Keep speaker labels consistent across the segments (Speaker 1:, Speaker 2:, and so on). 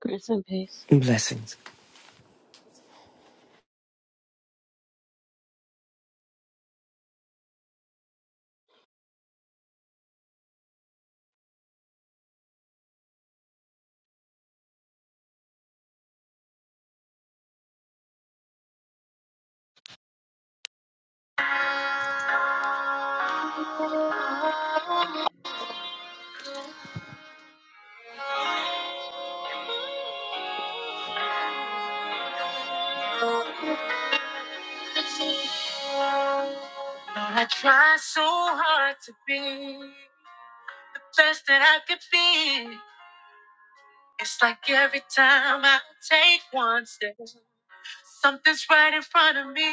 Speaker 1: Grace and peace.
Speaker 2: Blessings.
Speaker 1: Lord, I try so hard to be the best that I could be. It's like every time I take one step, something's right in front of me.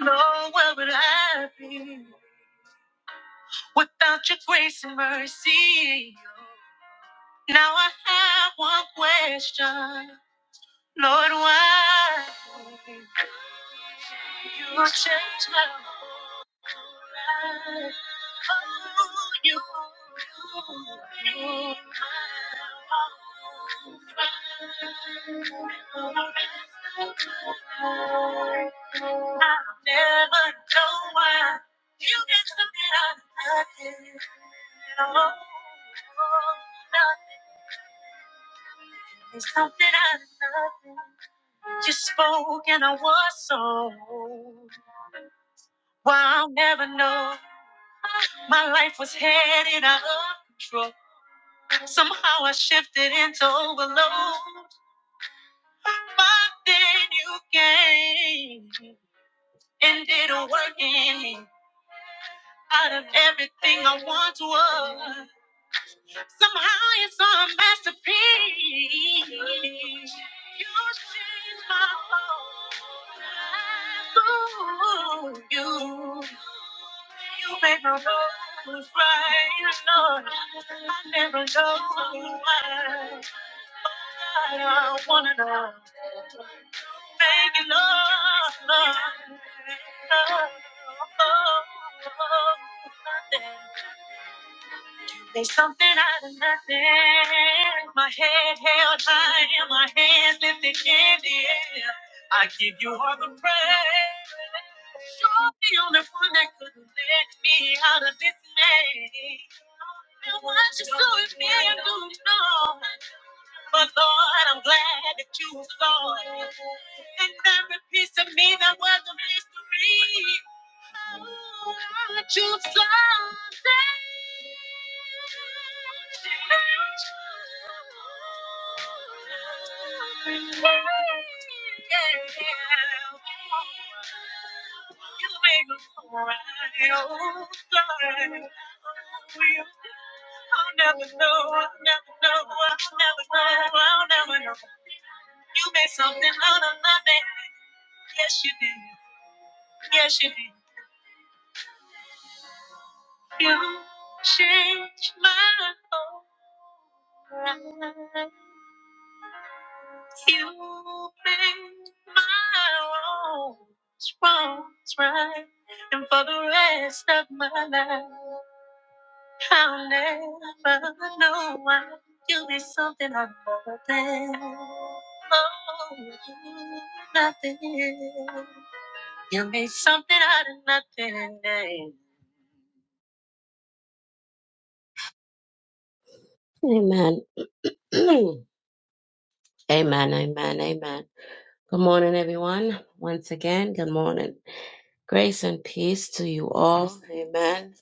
Speaker 1: Lord, where would I be without your grace and mercy? Now I have one question. Lord, why you change my whole life? Oh, you, you, you, I never know why you get so mad at nothing. Oh, nothing. There's something I love. You spoke and I was sold. Well, I'll never know. My life was headed out of control. Somehow I shifted into overload. But then you came and did a work in me. Out of everything I once was. Somehow it's a masterpiece. You changed my whole life. Ooh, you, you make my bones right. You know I never know why. But I wanna know. Thank love, Lord. Lord. Oh, oh, oh, oh, oh. There's something out of nothing. My head held high and my hands lifted in the air. I give you all the praise. You're the only one that could let me out of this maze. And what you do with me, I don't know. But Lord, I'm glad that you saw it. And every piece of me that was a mystery. I'll never know, I'll never know, I'll never know, I'll never know. You made something out of nothing. Yes, you did. Yes, you did. You change my whole life. You make my wrongs, wrongs right. And for the rest of my life, I'll never know why you be something I'm more than. Oh, nothing. You made something out of nothing. Amen. Amen, amen, amen. Good morning, everyone. Once again, good morning. Grace and peace to you all. Amen.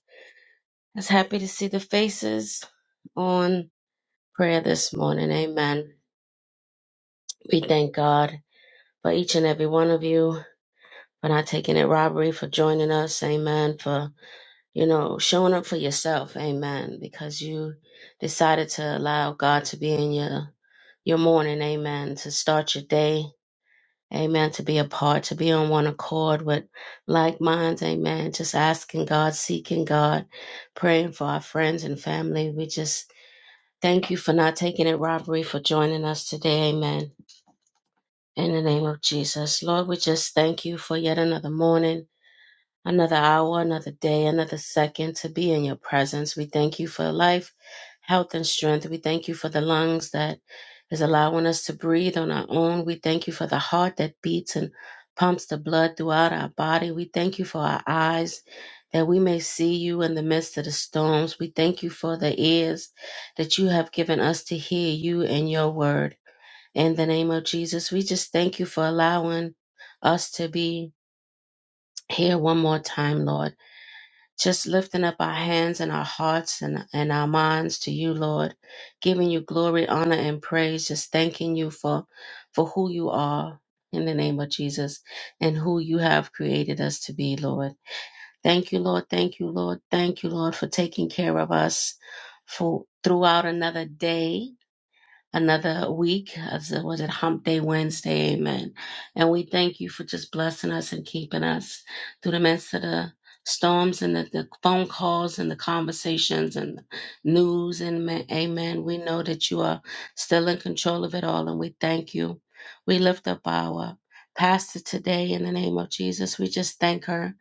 Speaker 1: It's happy to see the faces on prayer this morning. Amen. We thank God for each and every one of you for not taking it robbery, for joining us. Amen. For, you know, showing up for yourself. Amen. Because you decided to allow God to be in your, your morning. Amen. To start your day Amen. To be apart, to be on one accord with like minds. Amen. Just asking God, seeking God, praying for our friends and family. We just thank you for not taking it robbery, for joining us today. Amen. In the name of Jesus. Lord, we just thank you for yet another morning another hour, another day, another second to be in your presence. We thank you for life, health, and strength. We thank you for the lungs that is allowing us to breathe on our own. We thank you for the heart that beats and pumps the blood throughout our body. We thank you for our eyes. That we may see you in the midst of the storms. We thank you for the ears that you have given us to hear you and your word. In the name of Jesus, we just thank you for allowing us to be here one more time, Lord just lifting up our hands and our hearts and, and our minds to you, Lord, giving you glory, honor, and praise, just thanking you for for who you are in the name of Jesus and who you have created us to be, Lord. Thank you, Lord. Thank you, Lord. Thank you, Lord, for taking care of us for throughout another day another week of the- was it hump day wednesday amen and we thank you for just blessing us and keeping us through the midst of the storms and the, the phone calls and the conversations and the news and ma- amen we know that you are still in control of it all and we thank you we lift up our pastor today in the name of jesus we just thank her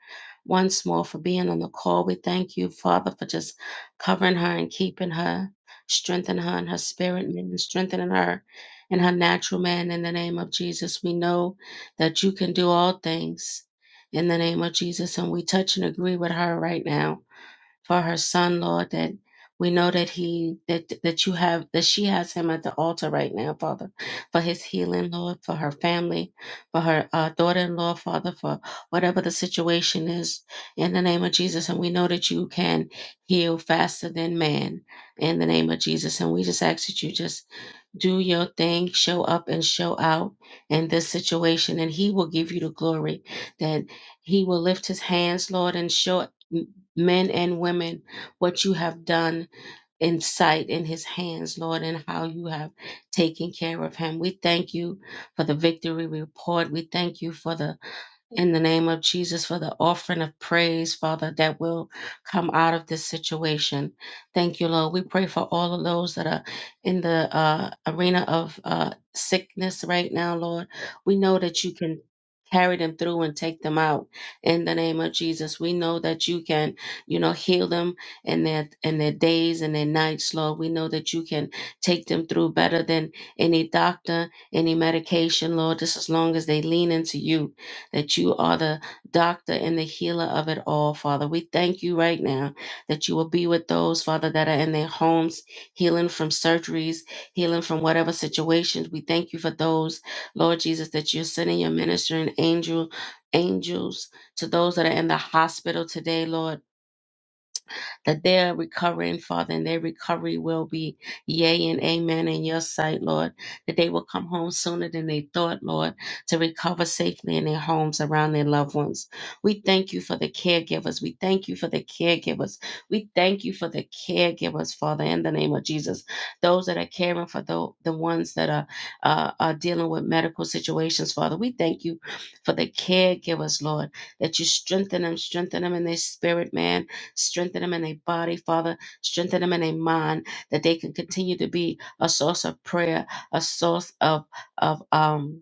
Speaker 1: once more for being on the call we thank you father for just covering her and keeping her Strengthen her in her spirit, man. Strengthen her in her natural man. In the name of Jesus, we know that you can do all things. In the name of Jesus, and we touch and agree with her right now for her son, Lord, that we know that he that that you have that she has him at the altar right now, Father, for his healing, Lord, for her family, for her uh, daughter-in-law, Father, for whatever the situation is, in the name of Jesus. And we know that you can heal faster than man, in the name of Jesus. And we just ask that you just do your thing, show up and show out in this situation, and He will give you the glory. That He will lift His hands, Lord, and show men and women, what you have done in sight in his hands, Lord, and how you have taken care of him. We thank you for the victory report. We thank you for the in the name of Jesus for the offering of praise, Father, that will come out of this situation. Thank you, Lord. We pray for all of those that are in the uh, arena of uh, sickness right now, Lord. We know that you can. Carry them through and take them out in the name of Jesus. We know that you can, you know, heal them in their in their days and their nights, Lord. We know that you can take them through better than any doctor, any medication, Lord, just as long as they lean into you that you are the doctor and the healer of it all, Father. We thank you right now that you will be with those, Father, that are in their homes, healing from surgeries, healing from whatever situations. We thank you for those, Lord Jesus, that you're sending your ministering angel. Angels to those that are in the hospital today, Lord that they're recovering, Father, and their recovery will be yea and amen in your sight, Lord, that they will come home sooner than they thought, Lord, to recover safely in their homes around their loved ones. We thank you for the caregivers. We thank you for the caregivers. We thank you for the caregivers, Father, in the name of Jesus. Those that are caring for the, the ones that are, uh, are dealing with medical situations, Father, we thank you for the caregivers, Lord, that you strengthen them, strengthen them in their spirit, man Strengthen them in their body, Father. Strengthen them in their mind that they can continue to be a source of prayer, a source of of um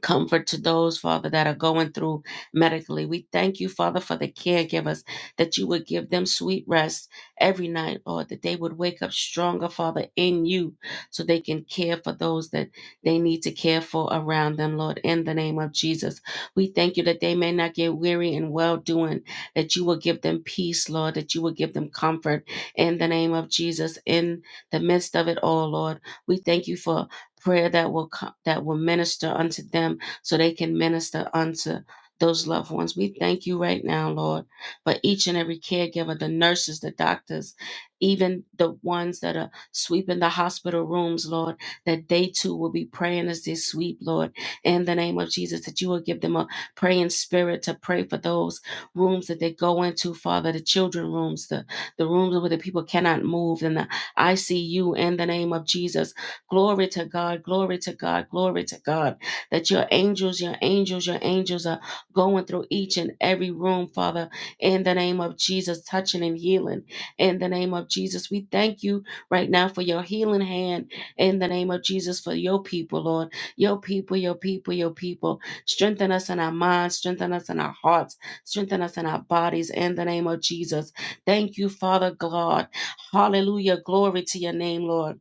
Speaker 1: comfort to those, Father, that are going through medically. We thank you, Father, for the caregivers, that you would give them sweet rest every night, Lord, that they would wake up stronger, Father, in you, so they can care for those that they need to care for around them, Lord, in the name of Jesus. We thank you that they may not get weary in well doing, that you will give them peace, Lord, that you will give them comfort in the name of Jesus in the midst of it all, Lord. We thank you for prayer that will come, that will minister unto them so they can minister unto those loved ones. We thank you right now, Lord, for each and every caregiver, the nurses, the doctors, even the ones that are sweeping the hospital rooms, Lord, that they too will be praying as they sweep, Lord, in the name of Jesus, that you will give them a praying spirit to pray for those rooms that they go into, Father, the children rooms, the, the rooms where the people cannot move, and the ICU in the name of Jesus Glory to God, glory to God, glory to God. That your angels, your angels, your angels are going through each and every room, Father, in the name of Jesus, touching and healing. In the name of Jesus, we thank you right now for your healing hand. In the name of Jesus, for your people, Lord. Your people, your people, your people. Strengthen us in our minds, strengthen us in our hearts, strengthen us in our bodies. In the name of Jesus. Thank you, Father God. Hallelujah. Glory to your name, Lord.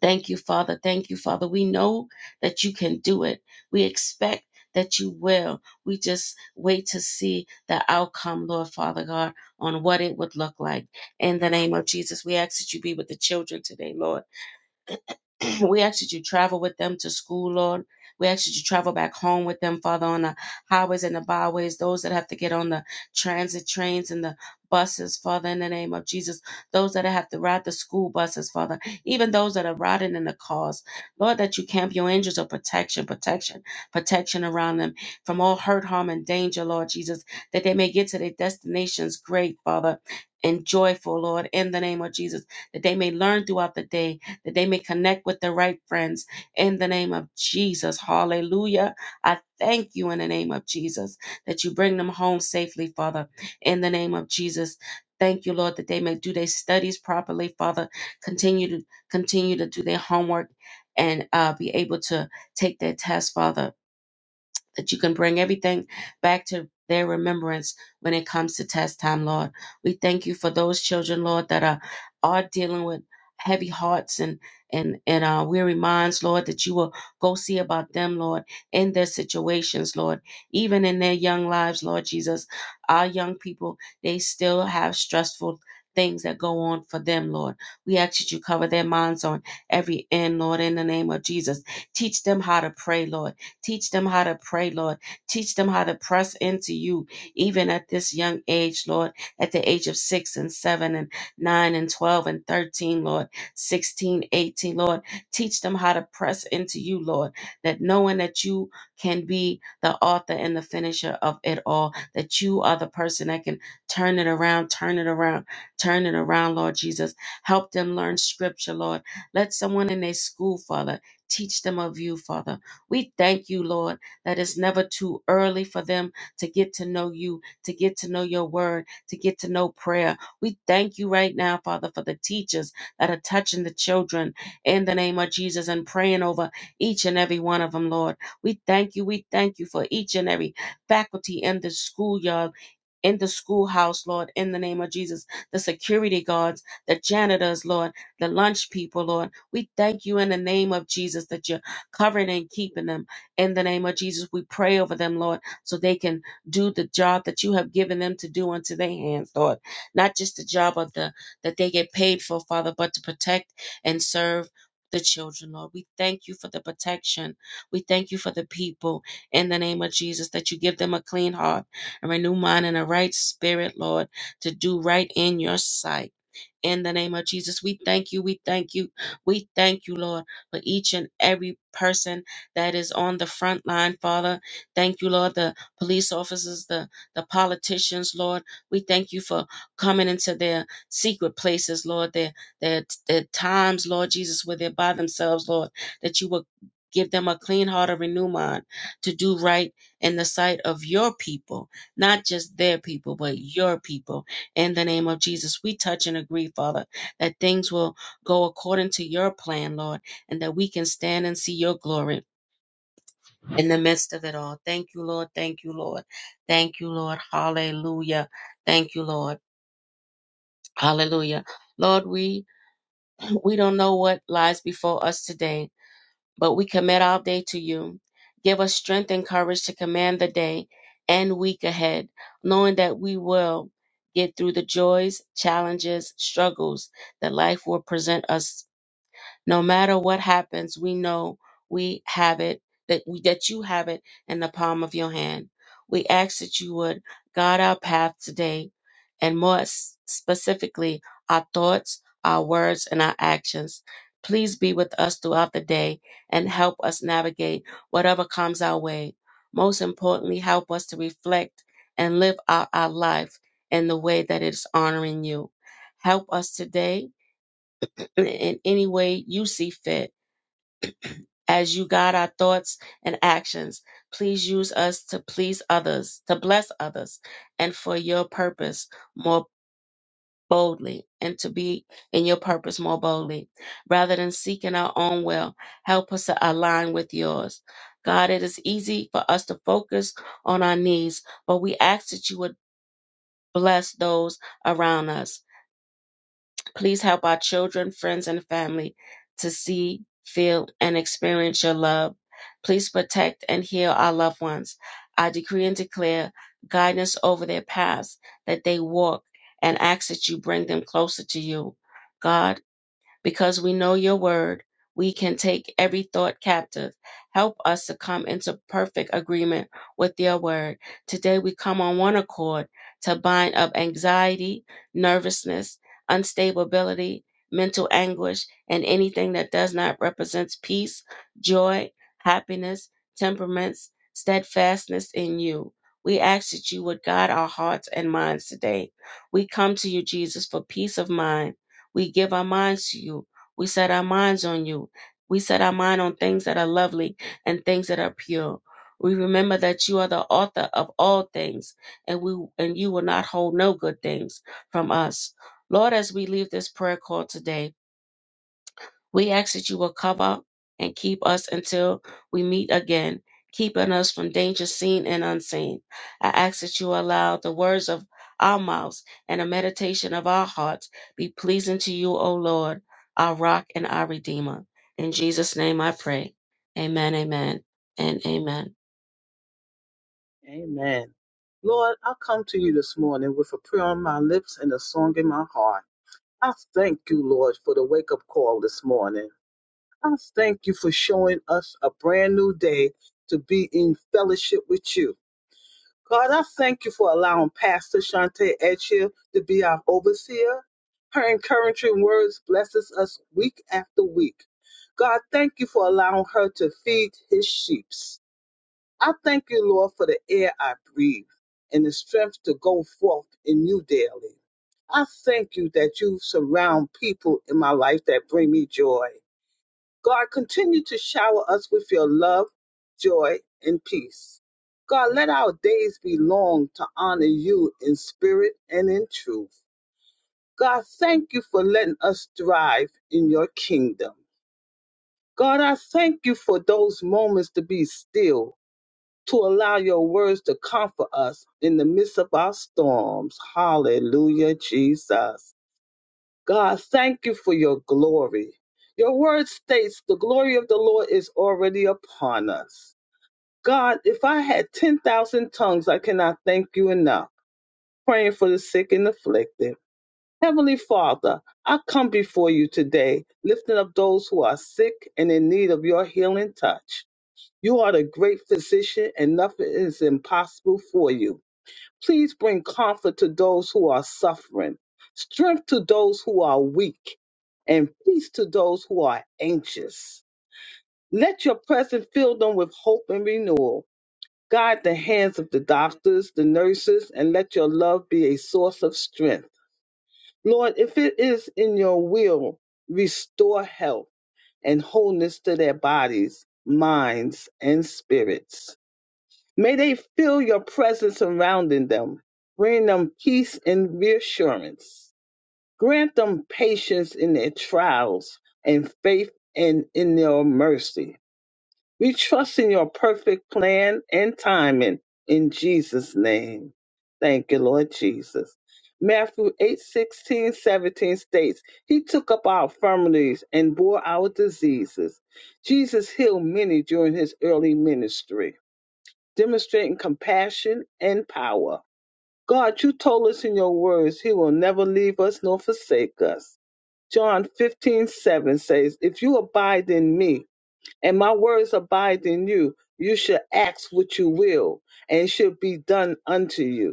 Speaker 1: Thank you, Father. Thank you, Father. We know that you can do it. We expect that you will. We just wait to see the outcome, Lord Father God, on what it would look like. In the name of Jesus, we ask that you be with the children today, Lord. we ask that you travel with them to school, Lord. We ask that you travel back home with them, Father, on the highways and the byways, those that have to get on the transit trains and the buses, Father, in the name of Jesus, those that have to ride the school buses, Father, even those that are riding in the cars. Lord, that you camp your angels of protection, protection, protection around them from all hurt, harm, and danger, Lord Jesus, that they may get to their destinations great, Father. And joyful, Lord, in the name of Jesus, that they may learn throughout the day that they may connect with the right friends in the name of Jesus. Hallelujah. I thank you in the name of Jesus that you bring them home safely, Father, in the name of Jesus. Thank you, Lord, that they may do their studies properly, Father. Continue to continue to do their homework and uh, be able to take their test, Father that you can bring everything back to their remembrance when it comes to test time, Lord. We thank you for those children, Lord, that are are dealing with heavy hearts and and and uh, weary minds, Lord, that you will go see about them, Lord, in their situations, Lord, even in their young lives, Lord Jesus. Our young people, they still have stressful things that go on for them, Lord. We ask that you cover their minds on every end, Lord, in the name of Jesus. Teach them how to pray, Lord. Teach them how to pray, Lord. Teach them how to press into you, even at this young age, Lord, at the age of six and seven and nine and 12 and 13, Lord, 16, 18, Lord. Teach them how to press into you, Lord, that knowing that you can be the author and the finisher of it all, that you are the person that can turn it around, turn it around, turn it around, Lord Jesus. Help them learn scripture, Lord. Let someone in their school, Father, teach them of you, Father. We thank you, Lord, that it's never too early for them to get to know you, to get to know your word, to get to know prayer. We thank you right now, Father, for the teachers that are touching the children in the name of Jesus and praying over each and every one of them, Lord. We thank you. We thank you for each and every faculty in the schoolyard, in the schoolhouse, Lord, in the name of Jesus, the security guards, the janitors, Lord, the lunch people, Lord. We thank you in the name of Jesus that you're covering and keeping them in the name of Jesus. We pray over them, Lord, so they can do the job that you have given them to do unto their hands, Lord. Not just the job of the that they get paid for, Father, but to protect and serve the children, Lord. We thank you for the protection. We thank you for the people in the name of Jesus that you give them a clean heart, a renewed mind, and a right spirit, Lord, to do right in your sight in the name of Jesus. We thank you. We thank you. We thank you, Lord for each and every person that is on the front line, Father. Thank you, Lord, the police officers, the, the politicians, Lord. We thank you for coming into their secret places, Lord, their, their, their times, Lord Jesus, where they're by themselves, Lord, that you will give them a clean heart, a renew mind to do right in the sight of your people, not just their people, but your people. In the name of Jesus, we touch and agree, Father, that things will go according to your plan, Lord and that we can stand and see your glory in the midst of it all. Thank you, Lord. Thank you, Lord. Thank you, Lord. Hallelujah. Thank you, Lord. Hallelujah. Lord, we we don't know what lies before us today, but we commit our day to you. Give us strength and courage to command the day and week ahead, knowing that we will get through the joys, challenges, struggles that life will present us No matter what happens, we know we have it, that we that you have it in the palm of your hand. We ask that you would guide our path today and more s- specifically our thoughts, our words, and our actions. Please be with us throughout the day and help us navigate whatever comes our way. Most importantly, help us to reflect and live out our life in the way that is honoring you. Help us today in in any way you see fit as you guide our thoughts and actions, please use us to please others, to bless others, and for your purpose more boldly, and to be in your purpose more boldly. Rather than seeking our own will, help us to align with yours. God, it is easy for us to focus on our needs, but we ask that you would bless those around us. Please help our children, friends, and family to see, feel, and experience your love. Please protect and heal our loved ones. I decree and declare guidance over their paths that they walk and ask that you bring them closer to you. God, because we know your word, we can take every thought captive. Help us to come into perfect agreement with your word. Today we come on one accord to bind up anxiety, nervousness, unstability, mental anguish, and anything that does not represent peace, joy, happiness, temperaments, steadfastness in you. We ask that you would guide our hearts and minds today. We come to you, Jesus, for peace of mind we give our minds to you. We set our minds on you. We set our mind on things that are lovely and things that are pure. We remember that you are the author of all things, and we and you will not hold no good things from us. Lord, as we leave this prayer call today, we ask that you will cover and keep us until we meet again, keeping us from danger seen and unseen. I ask that you allow the words of our mouths and the meditation of our hearts be pleasing to you, O Lord, our rock and our redeemer. In Jesus' name I pray. Amen, amen, and amen.
Speaker 3: Amen. Lord, I come to you this morning with a prayer on my lips and a song in my heart. I thank you, Lord, for the wake up call this morning. I thank you for showing us a brand new day to be in fellowship with you. God, I thank you for allowing Pastor Shante Etchia to be our overseer. Her encouraging words blesses us week after week. God, thank you for allowing her to feed his sheep. I thank you, Lord, for the air I breathe and the strength to go forth in you daily. I thank you that you surround people in my life that bring me joy. God, continue to shower us with your love, joy, and peace. God, let our days be long to honor you in spirit and in truth. God, thank you for letting us thrive in your kingdom. God, I thank you for those moments to be still to allow your words to comfort us in the midst of our storms. Hallelujah, Jesus. God, thank you for your glory. Your word states the glory of the Lord is already upon us. God, if I had 10,000 tongues, I cannot thank you enough. Praying for the sick and afflicted. Heavenly Father, I come before you today, lifting up those who are sick and in need of your healing touch. You are the great physician, and nothing is impossible for you. Please bring comfort to those who are suffering, strength to those who are weak, and peace to those who are anxious. Let your presence fill them with hope and renewal. Guide the hands of the doctors, the nurses, and let your love be a source of strength. Lord, if it is in your will, restore health and wholeness to their bodies, minds, and spirits. May they feel your presence surrounding them, bringing them peace and reassurance. Grant them patience in their trials and faith and in your mercy. We trust in your perfect plan and timing in Jesus' name. Thank you, Lord Jesus. Matthew 8 16 17 states, He took up our infirmities and bore our diseases. Jesus healed many during his early ministry demonstrating compassion and power. God, you told us in your words, He will never leave us nor forsake us. John 15 7 says, If you abide in me and my words abide in you, you shall ask what you will, and it shall be done unto you.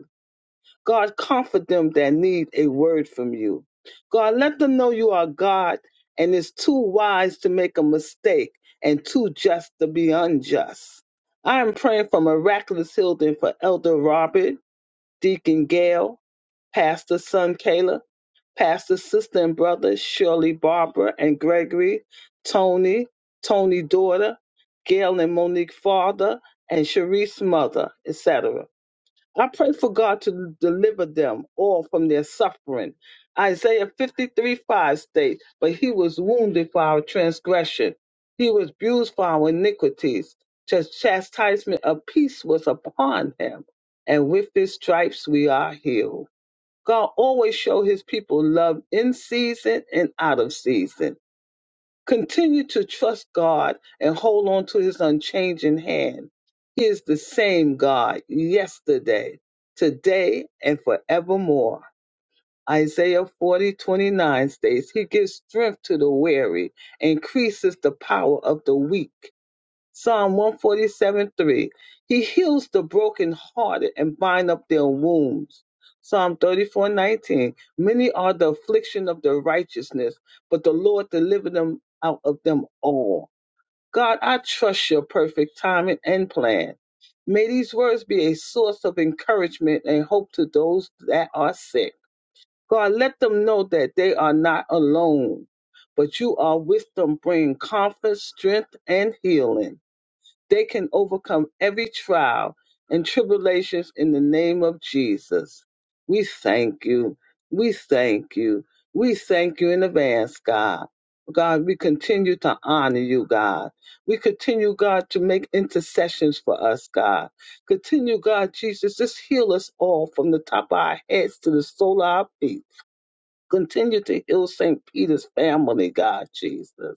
Speaker 3: God, comfort them that need a word from you. God, let them know you are God and is too wise to make a mistake and too just to be unjust. I am praying for miraculous healing for Elder Robert, Deacon Gail, Pastor Son Kayla, Pastor Sister and Brother Shirley Barbara and Gregory, Tony, Tony Daughter, Gail and Monique Father, and Sharice Mother, etc. I pray for God to deliver them all from their suffering. Isaiah 53 5 states, But he was wounded for our transgression, he was bruised for our iniquities. The chastisement of peace was upon him, and with his stripes we are healed. God always show his people love in season and out of season. Continue to trust God and hold on to his unchanging hand. He is the same God yesterday, today, and forevermore. Isaiah 40:29 states, He gives strength to the weary, increases the power of the weak. Psalm 147 3. He heals the brokenhearted and bind up their wounds. Psalm 34:19 Many are the affliction of the righteousness, but the Lord delivered them out of them all. God, I trust your perfect timing and plan. May these words be a source of encouragement and hope to those that are sick. God, let them know that they are not alone, but you are with them, bringing comfort, strength, and healing. They can overcome every trial and tribulations in the name of Jesus. We thank you. We thank you. We thank you in advance, God. God, we continue to honor you, God. We continue, God, to make intercessions for us, God. Continue, God, Jesus, just heal us all from the top of our heads to the sole of our feet. Continue to heal St. Peter's family, God, Jesus.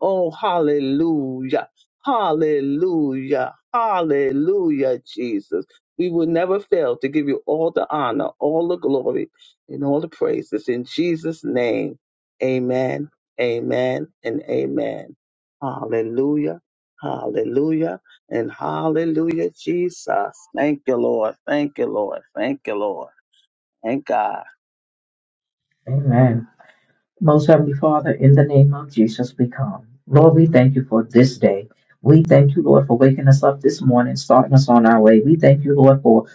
Speaker 3: Oh, hallelujah. Hallelujah. Hallelujah, Jesus. We will never fail to give you all the honor, all the glory, and all the praises. In Jesus' name, amen, amen, and amen. Hallelujah. Hallelujah. And hallelujah, Jesus. Thank you, Lord. Thank you, Lord. Thank you, Lord. Thank God.
Speaker 4: Amen most Heavenly Father, in the name of Jesus, we come. Lord, we thank you for this day. We thank you, Lord, for waking us up this morning, starting us on our way. We thank you, Lord, for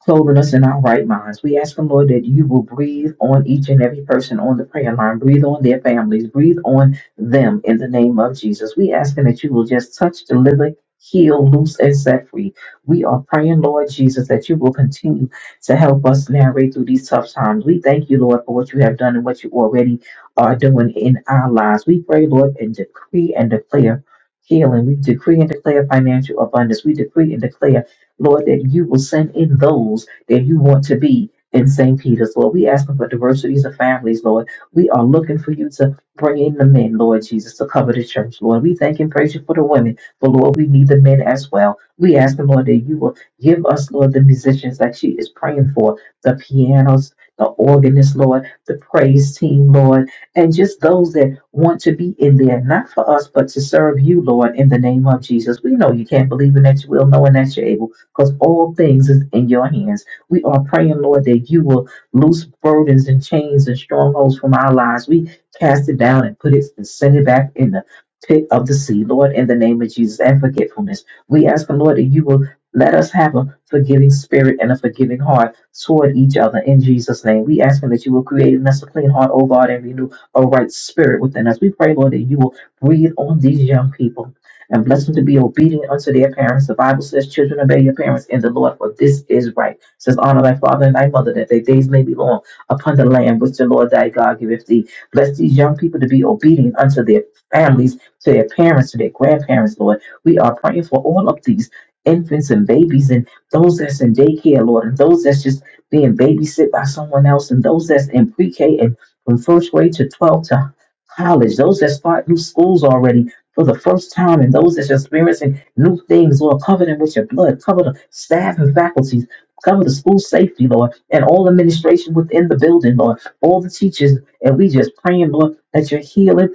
Speaker 4: clothing us in our right minds. We ask the Lord that you will breathe on each and every person on the prayer line, breathe on their families, breathe on them in the name of Jesus. We asking that you will just touch, deliver, heal, loose, and set free. We are praying, Lord Jesus, that you will continue to help us navigate through these tough times. We thank you, Lord, for what you have done and what you already are doing in our lives. We pray, Lord, and decree and declare healing. We decree and declare financial abundance. We decree and declare, Lord, that you will send in those that you want to be in St. Peter's, Lord. We ask for diversities of families, Lord. We are looking for you to bring in the men, Lord Jesus, to cover the church, Lord. We thank and praise you for the women, but Lord, we need the men as well. We ask the Lord that you will give us, Lord, the musicians that she is praying for, the pianos, the organist, Lord, the praise team, Lord and just those that want to be in there, not for us, but to serve you, Lord, in the name of Jesus. We know you can't believe in that you will, knowing that you're able, because all things is in your hands. We are praying, Lord, that you will loose burdens and chains and strongholds from our lives. We cast it down and put it and send it back in the pit of the sea, Lord, in the name of Jesus, and forgetfulness. We ask, Lord, that you will let us have a forgiving spirit and a forgiving heart toward each other in Jesus' name. We ask that you will create in us a clean heart, O God, and renew a right spirit within us. We pray, Lord, that you will breathe on these young people and bless them to be obedient unto their parents. The Bible says, Children, obey your parents in the Lord, for this is right. It says, Honor thy father and thy mother, that their days may be long upon the land which the Lord thy God giveth thee. Bless these young people to be obedient unto their families, to their parents, to their grandparents, Lord. We are praying for all of these infants and babies and those that's in daycare, Lord, and those that's just being babysit by someone else, and those that's in pre-K and from first grade to 12 to college, those that start new schools already for the first time, and those that's experiencing new things, Lord, cover them with your blood, cover the staff and faculties, cover the school safety, Lord, and all administration within the building, Lord, all the teachers, and we just praying, Lord, that you heal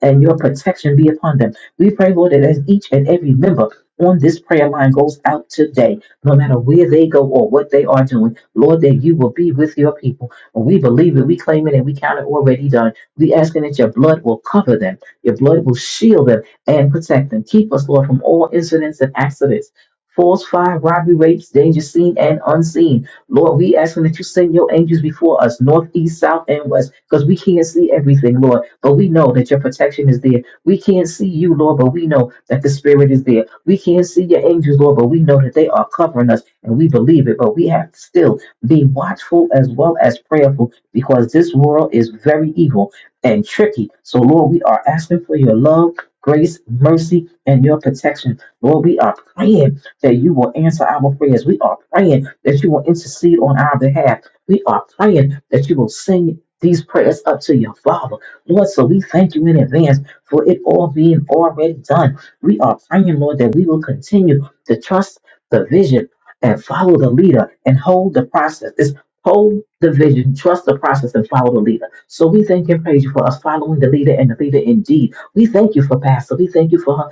Speaker 4: and your protection be upon them. We pray, Lord, that as each and every member on this prayer line goes out today, no matter where they go or what they are doing, Lord, that you will be with your people. And we believe it, we claim it, and we count it already done. We asking that your blood will cover them, your blood will shield them and protect them. Keep us, Lord, from all incidents and accidents. False fire, robbery, rapes, danger seen and unseen. Lord, we asking that you send your angels before us, north, east, south, and west, because we can't see everything, Lord. But we know that your protection is there. We can't see you, Lord, but we know that the Spirit is there. We can't see your angels, Lord, but we know that they are covering us, and we believe it. But we have to still be watchful as well as prayerful, because this world is very evil and tricky. So, Lord, we are asking for your love. Grace, mercy, and your protection. Lord, we are praying that you will answer our prayers. We are praying that you will intercede on our behalf. We are praying that you will sing these prayers up to your Father. Lord, so we thank you in advance for it all being already done. We are praying, Lord, that we will continue to trust the vision and follow the leader and hold the process. It's hold the vision, trust the process, and follow the leader. So we thank and praise you for us following the leader and the leader indeed. We thank you for Pastor. We thank you for her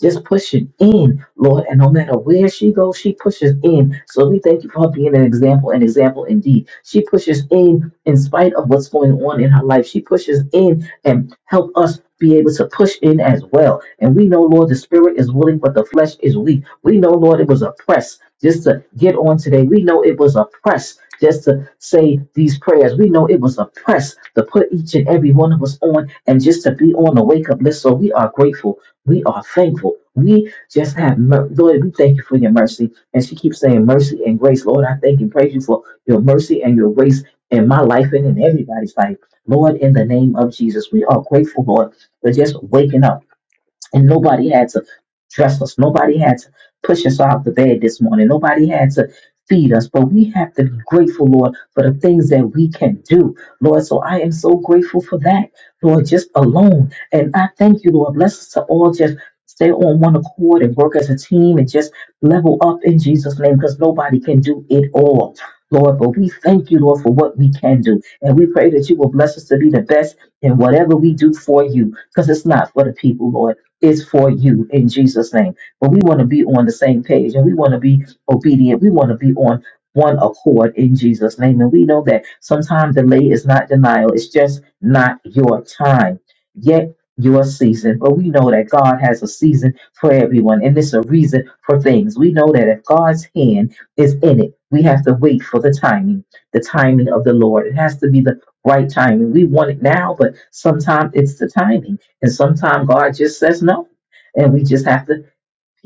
Speaker 4: just pushing in, Lord. And no matter where she goes, she pushes in. So we thank you for her being an example, an example indeed. She pushes in in spite of what's going on in her life. She pushes in and help us be able to push in as well. And we know, Lord, the spirit is willing, but the flesh is weak. We know, Lord, it was a press just to get on today. We know it was a press just to say these prayers. We know it was a press to put each and every one of us on and just to be on the wake up list. So we are grateful. We are thankful. We just have, mer- Lord, we thank you for your mercy. And she keeps saying mercy and grace. Lord, I thank and praise you for your mercy and your grace in my life and in everybody's life. Lord, in the name of Jesus, we are grateful, Lord, for just waking up and nobody had to dress us. Nobody had to push us out the bed this morning. Nobody had to feed us. But we have to be grateful, Lord, for the things that we can do, Lord. So I am so grateful for that, Lord, just alone. And I thank you, Lord. Bless us to all just stay on one accord and work as a team and just level up in Jesus' name because nobody can do it all. Lord, but we thank you, Lord, for what we can do. And we pray that you will bless us to be the best in whatever we do for you, because it's not for the people, Lord is for you in Jesus' name. But we want to be on the same page and we want to be obedient. We want to be on one accord in Jesus' name. And we know that sometimes delay is not denial, it's just not your time. Yet, your season, but we know that God has a season for everyone, and it's a reason for things. We know that if God's hand is in it, we have to wait for the timing, the timing of the Lord. It has to be the right timing. We want it now, but sometimes it's the timing. And sometimes God just says no. And we just have to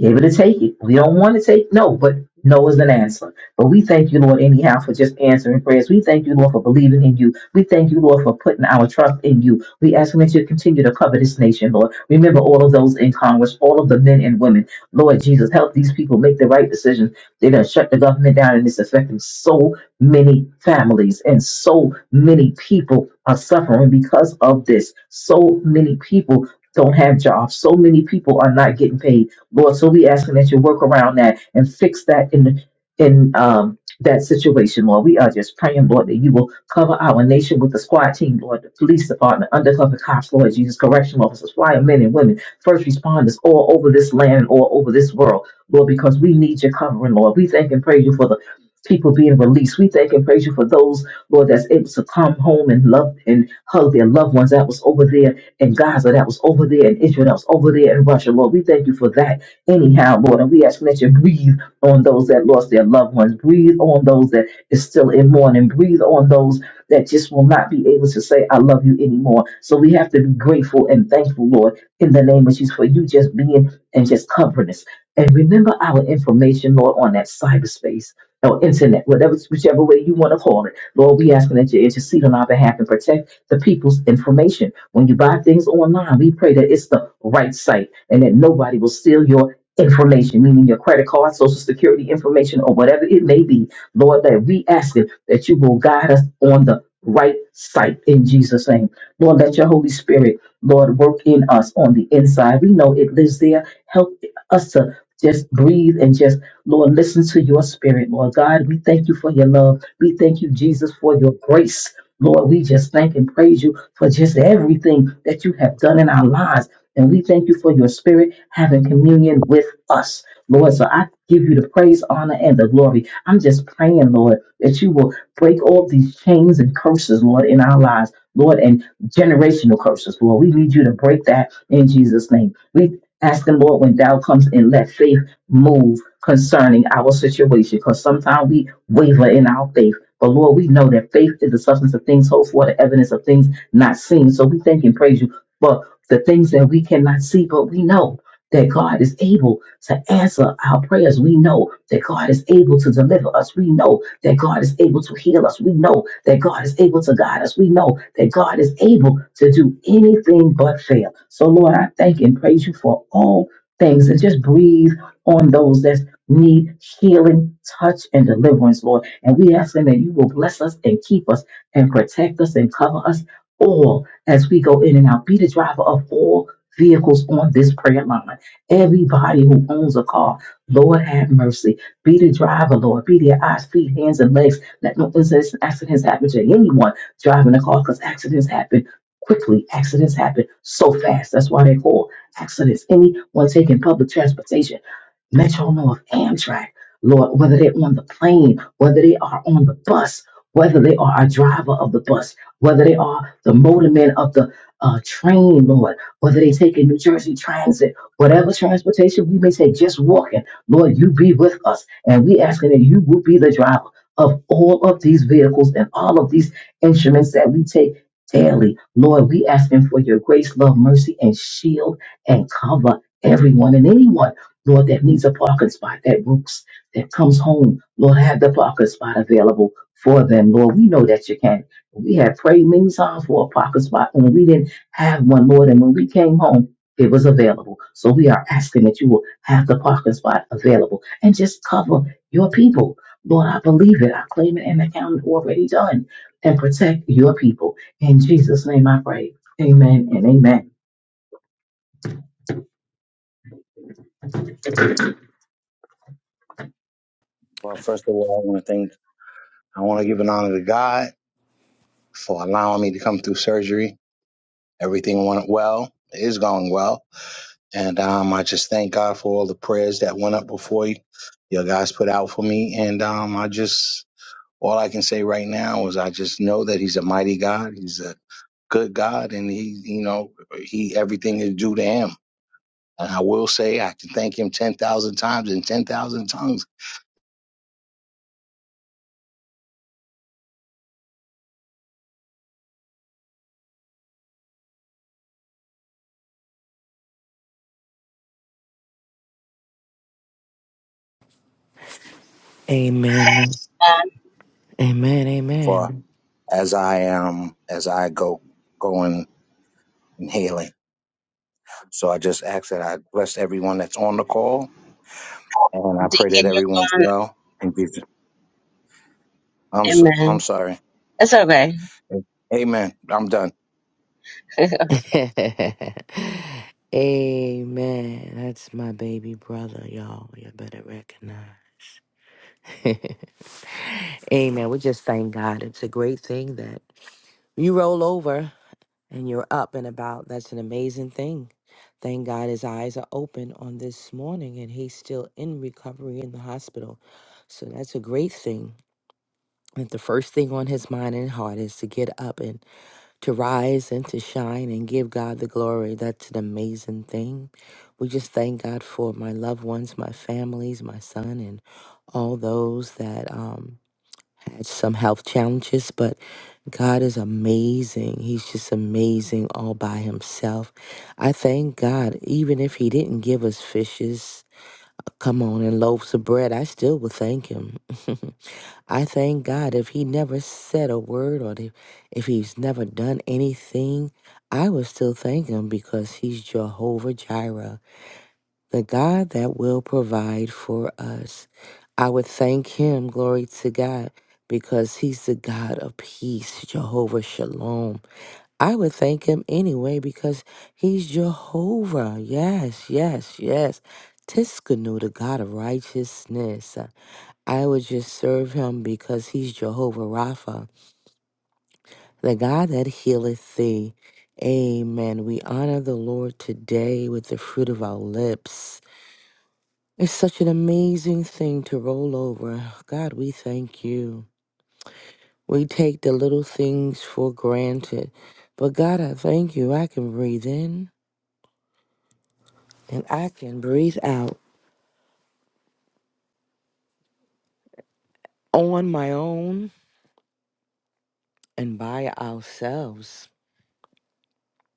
Speaker 4: able to take it. We don't want to take no, but no is an answer. But we thank you, Lord, anyhow, for just answering prayers. We thank you, Lord, for believing in you. We thank you, Lord, for putting our trust in you. We ask that you continue to cover this nation, Lord. Remember all of those in Congress, all of the men and women. Lord Jesus, help these people make the right decisions. They're going to shut the government down, and it's affecting so many families and so many people are suffering because of this. So many people don't have jobs. So many people are not getting paid. Lord. So we asking that you work around that and fix that in the in um that situation, Lord. We are just praying, Lord, that you will cover our nation with the squad team, Lord, the police department, undercover cops, Lord Jesus, correction officers, firemen and women, first responders all over this land, all over this world, Lord, because we need your covering, Lord. We thank and praise you for the people being released. We thank and praise you for those, Lord, that's able to come home and love and hug their loved ones that was over there in Gaza, that was over there in Israel, that was over there in Russia. Lord, we thank you for that anyhow, Lord. And we ask that you breathe on those that lost their loved ones, breathe on those that is still in mourning, breathe on those that just will not be able to say, I love you anymore. So we have to be grateful and thankful, Lord, in the name of Jesus, for you just being and just covering us. And remember our information, Lord, on that cyberspace or internet, whatever, whichever way you want to call it. Lord, we asking that you intercede on our behalf and protect the people's information. When you buy things online, we pray that it's the right site and that nobody will steal your information, meaning your credit card, social security information, or whatever it may be, Lord, that we ask it that you will guide us on the right site in Jesus' name. Lord, let your Holy Spirit, Lord, work in us on the inside. We know it lives there. Help us to just breathe and just, Lord, listen to your spirit, Lord God. We thank you for your love. We thank you, Jesus, for your grace. Lord, we just thank and praise you for just everything that you have done in our lives. And we thank you for your spirit having communion with us, Lord. So I give you the praise, honor, and the glory. I'm just praying, Lord, that you will break all these chains and curses, Lord, in our lives, Lord, and generational curses, Lord. We need you to break that in Jesus' name. We ask them, Lord, when thou comes and let faith move concerning our situation, because sometimes we waver in our faith. But Lord, we know that faith is the substance of things hoped for, the evidence of things not seen. So we thank and praise you. for the things that we cannot see, but we know that God is able to answer our prayers. We know that God is able to deliver us. We know that God is able to heal us. We know that God is able to guide us. We know that God is able to do anything but fail. So, Lord, I thank and praise you for all things and just breathe on those that need healing, touch, and deliverance, Lord. And we ask them that you will bless us and keep us and protect us and cover us all as we go in and out. Be the driver of all vehicles on this prayer line. Everybody who owns a car, Lord have mercy. Be the driver, Lord. Be their eyes, feet, hands, and legs. Let no incidents and accidents happen to anyone driving a car because accidents happen quickly. Accidents happen so fast. That's why they call accidents. Anyone taking public transportation, Metro North, Amtrak, Lord, whether they're on the plane, whether they are on the bus, whether they are a driver of the bus, whether they are the motorman of the uh, train, Lord, whether they take in New Jersey Transit, whatever transportation we may take, just walking, Lord, you be with us. And we asking that you will be the driver of all of these vehicles and all of these instruments that we take daily. Lord, we asking for your grace, love, mercy, and shield and cover everyone and anyone, Lord, that needs a parking spot, that works, that comes home. Lord, have the parking spot available for them. Lord, we know that you can. We had prayed many times for a parking spot and we didn't have one, Lord. And when we came home, it was available. So we are asking that you will have the parking spot available and just cover your people. Lord, I believe it. I claim it and account it already done. And protect your people. In Jesus' name I pray. Amen and amen.
Speaker 5: Well, first of all, I want to thank, I want to give an honor to God for allowing me to come through surgery. Everything went well, it is going well. And um, I just thank God for all the prayers that went up before you, your guys put out for me. And um, I just, all I can say right now is I just know that He's a mighty God. He's a good God, and He, you know, He everything is due to Him. And I will say, I can thank Him ten thousand times in ten thousand tongues
Speaker 2: Amen. Amen.
Speaker 5: for
Speaker 2: Amen.
Speaker 5: as I am, as I go going. and healing. So I just ask that I bless everyone that's on the call, and I pray that
Speaker 1: Deacon,
Speaker 5: everyone's
Speaker 1: you're gone.
Speaker 5: well. And be, I'm so, I'm
Speaker 1: Amen.
Speaker 5: sorry.
Speaker 1: It's okay.
Speaker 5: Amen. I'm done.
Speaker 2: amen. That's my baby brother, y'all. You better recognize. amen. We just thank God. It's a great thing that you roll over and you're up and about. That's an amazing thing. Thank God his eyes are open on this morning and he's still in recovery in the hospital. So that's a great thing. That the first thing on his mind and heart is to get up and. to rise and to shine and give God the glory. That's an amazing thing. We just thank God for my loved ones, my families, my son, and all those that um, had some health challenges. But God is amazing. He's just amazing all by himself. I thank God, even if He didn't give us fishes, come on, and loaves of bread, I still would thank Him. I thank God if he never said a word or if, if he's never done anything, I would still thank him because he's Jehovah Jireh, the God that will provide for us. I would thank him, glory to God, because he's the God of peace, Jehovah Shalom. I would thank him anyway because he's Jehovah. Yes, yes, yes. Tiskanu, the God of righteousness. I would just serve him because he's Jehovah Rapha, the God that healeth thee. Amen. We honor the Lord today with the fruit of our lips. It's such an amazing thing to roll over. God, we thank you. We take the little things for granted. But God, I thank you. I can breathe in and I can breathe out on my own and by ourselves.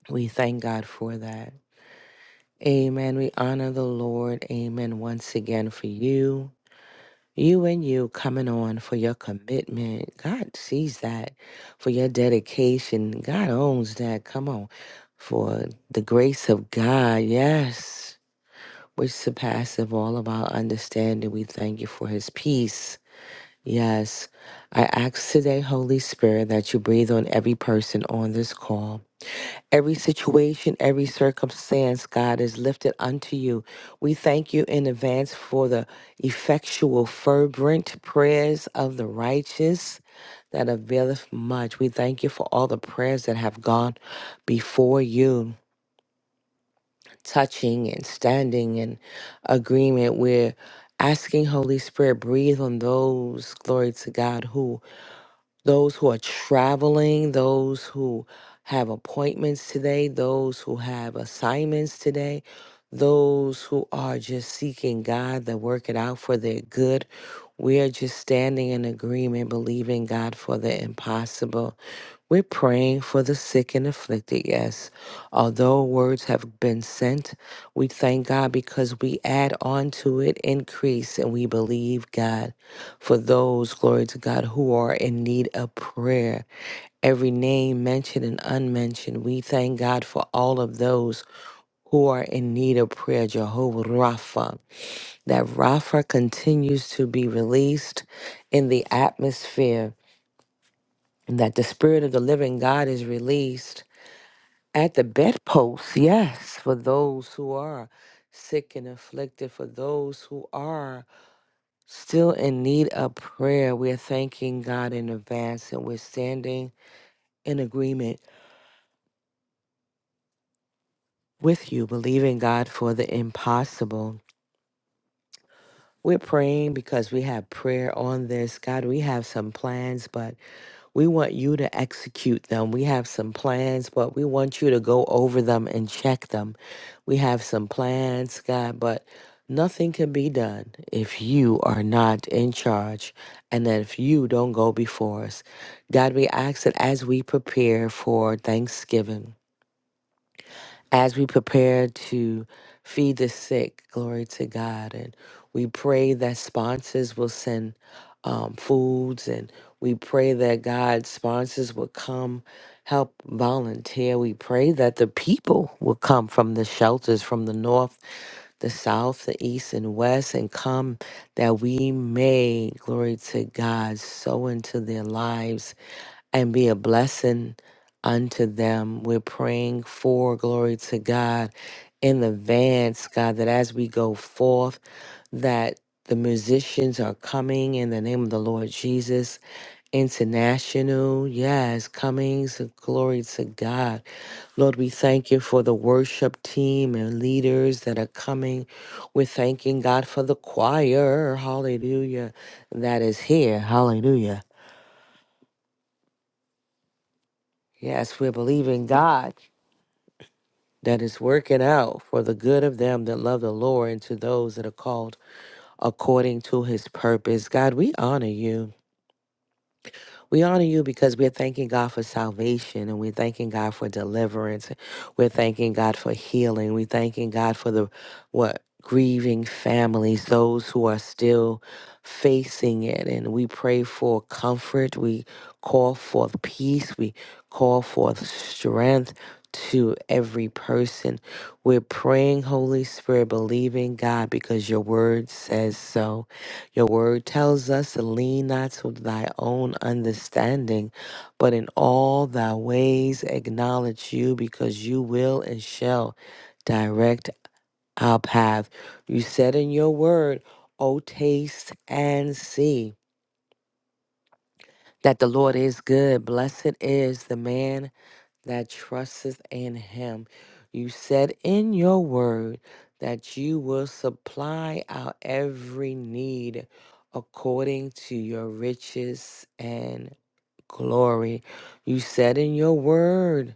Speaker 2: We thank God for that. Amen. We honor the Lord. Amen. Once again for you, you and you coming on for your commitment. God sees that for your dedication. God owns that. Come on. For the grace of God. Yes. Which surpasses all of our understanding. We thank you for his peace. Yes. I ask today, Holy Spirit, that you breathe on every person on this call. Every situation, every circumstance, God is lifted unto you. We thank you in advance for the effectual, fervent prayers of the righteous that availeth much. We thank you for all the prayers that have gone before you, touching and standing in agreement. We're asking Holy Spirit, breathe on those, glory to God, who those who are traveling, those who have appointments today, those who have assignments today, those who are just seeking God to work it out for their good. We are just standing in agreement, believing God for the impossible. We're praying for the sick and afflicted, yes. Although words have been sent, we thank God because we add on to it, increase, and we believe God for those, glory to God, who are in need of prayer. Every name mentioned and unmentioned, we thank God for all of those who are in need of prayer, Jehovah Rapha. That Rapha continues to be released in the atmosphere, and that the Spirit of the living God is released at the bedpost, yes, for those who are sick and afflicted, for those who are still in need of prayer, we're thanking God in advance and we're standing in agreement with you, believing God for the impossible. We're praying because we have prayer on this. God, we have some plans, but We want you to execute them. We have some plans, but we want you to go over them and check them. We have some plans, God, but nothing can be done if you are not in charge and that if you don't go before us. God, we ask that as we prepare for Thanksgiving, as we prepare to feed the sick, glory to God. And we pray that sponsors will send um, foods, and we pray that God sponsors will come help volunteer. We pray that the people will come from the shelters from the north, the south, the east, and west, and come that we may, glory to God, sow into their lives and be a blessing unto them. We're praying for glory to God in advance, God, that as we go forth, that the musicians are coming in the name of the Lord Jesus. International, yes, Cummings, glory to God. Lord, we thank you for the worship team and leaders that are coming. We're thanking God for the choir, hallelujah, that is here, hallelujah. Yes, we're believing God that is working out for the good of them that love the Lord and to those that are called according to his purpose. God, we honor you. We honor you because we're thanking God for salvation and we're thanking God for deliverance. We're thanking God for healing. We're thanking God for the what grieving families, those who are still facing it. And we pray for comfort. We call forth peace. We call forth strength to every person. We're praying, Holy Spirit, believing God because your word says so. Your word tells us to lean not to thy own understanding, but in all thy ways acknowledge you, because you will and shall direct our path. You said in your word, O taste and see that the Lord is good. Blessed is the man that trusteth in him. You said in your word that you will supply our every need according to your riches and glory. You said in your word,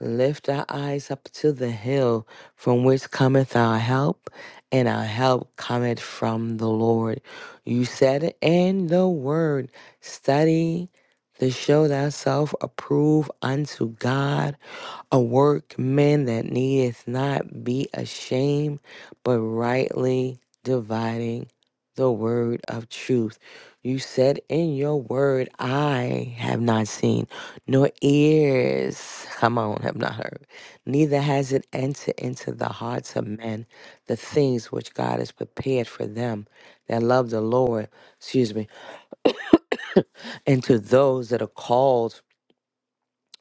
Speaker 2: lift our eyes up to the hill from which cometh our help, and our help cometh from the Lord. You said in the word, study to show thyself approved unto God a workman that needeth not be ashamed, but rightly dividing the word of truth. You said in your word, I have not seen, nor ears, come on, have not heard, neither has it entered into the hearts of men the things which God has prepared for them that love the Lord, excuse me, and to those that are called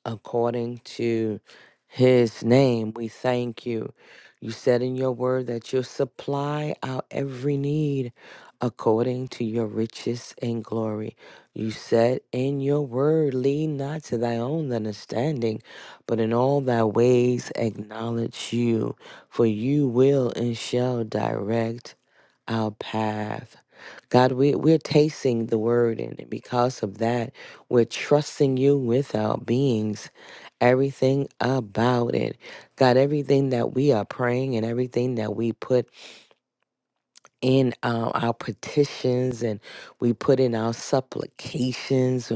Speaker 2: according to his name. We thank you. You said in your word that you'll supply our every need according to your riches and glory. You said in your word, lead not to thy own understanding, but in all thy ways acknowledge you, for you will and shall direct our path. God, we, we're tasting the word, and because of that, we're trusting you with our beings, everything about it. God, everything that we are praying and everything that we put in uh, our petitions and we put in our supplications,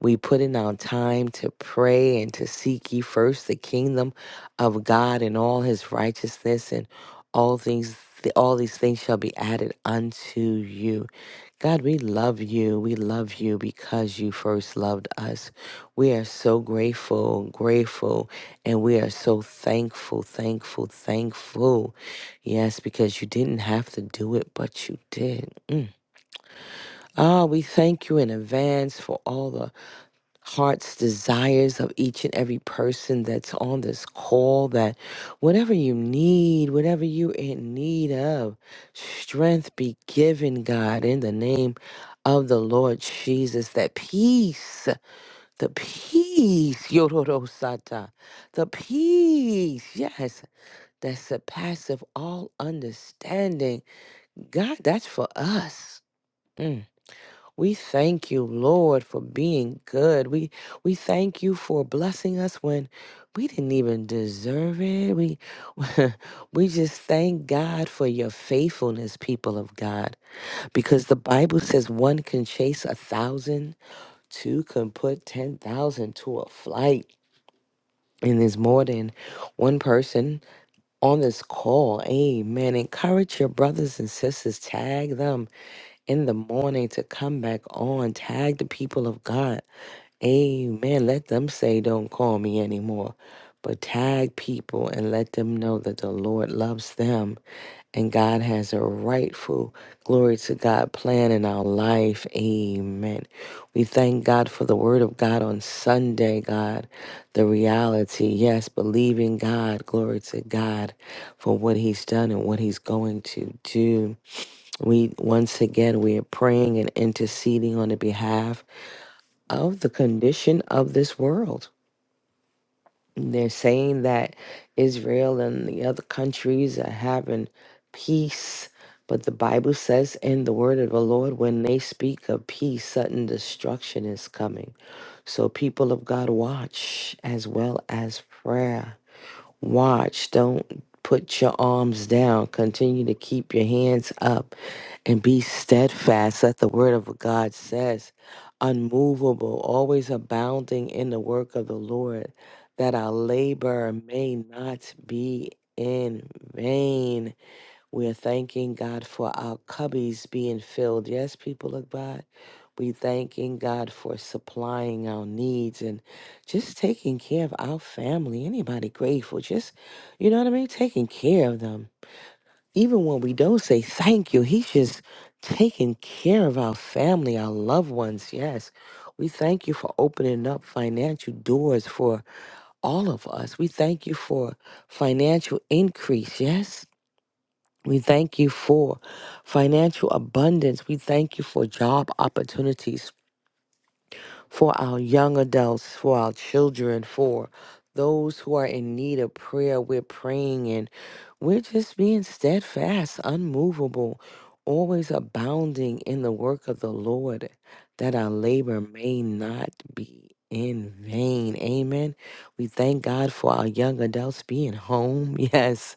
Speaker 2: we put in our time to pray and to seek ye first the kingdom of God and all his righteousness and all things. All these things shall be added unto you. God, we love you. We love you because you first loved us. We are so grateful, grateful, and we are so thankful, thankful, thankful. Yes, because you didn't have to do it, but you did. Mm. Ah, we thank you in advance for all the heart's desires of each and every person that's on this call that whatever you need, whatever you in need of, strength be given, God, in the name of the Lord Jesus, that peace, the peace, Yororosata, the peace, yes, that surpasses all understanding. God, that's for us. Mm. We thank you, Lord, for being good. We we thank you for blessing us when we didn't even deserve it. We we just thank God for your faithfulness, people of God, because the Bible says one can chase a thousand, two can put ten thousand to a flight. And there's more than one person on this call. Amen. Encourage your brothers and sisters. Tag them in the morning to come back on. Tag the people of God. Amen. Let them say, Don't call me anymore. But tag people and let them know that the Lord loves them and God has a rightful glory to God plan in our life. Amen. We thank God for the word of God on Sunday, God. The reality, yes, believing God, glory to God for what he's done and what he's going to do. We once again we are praying and interceding on the behalf of the condition of this world. They're saying that Israel and the other countries are having peace, but the Bible says in the word of the Lord when they speak of peace, sudden destruction is coming. So people of God watch as well as prayer Watch. Don't put your arms down. Continue to keep your hands up and be steadfast. That the word of God says, unmovable, always abounding in the work of the Lord, that our labor may not be in vain. We're thanking God for our cubbies being filled. Yes, people of God, we thanking God for supplying our needs and just taking care of our family. Anybody grateful? Just, you know what I mean? Taking care of them. Even when we don't say thank you, He's just taking care of our family, our loved ones. Yes. We thank you for opening up financial doors for all of us. We thank you for financial increase. Yes. We thank you for financial abundance. We thank you for job opportunities for our young adults, for our children, for those who are in need of prayer. We're praying and we're just being steadfast, unmovable, always abounding in the work of the Lord, that our labor may not be in vain. Amen. We thank God for our young adults being home. Yes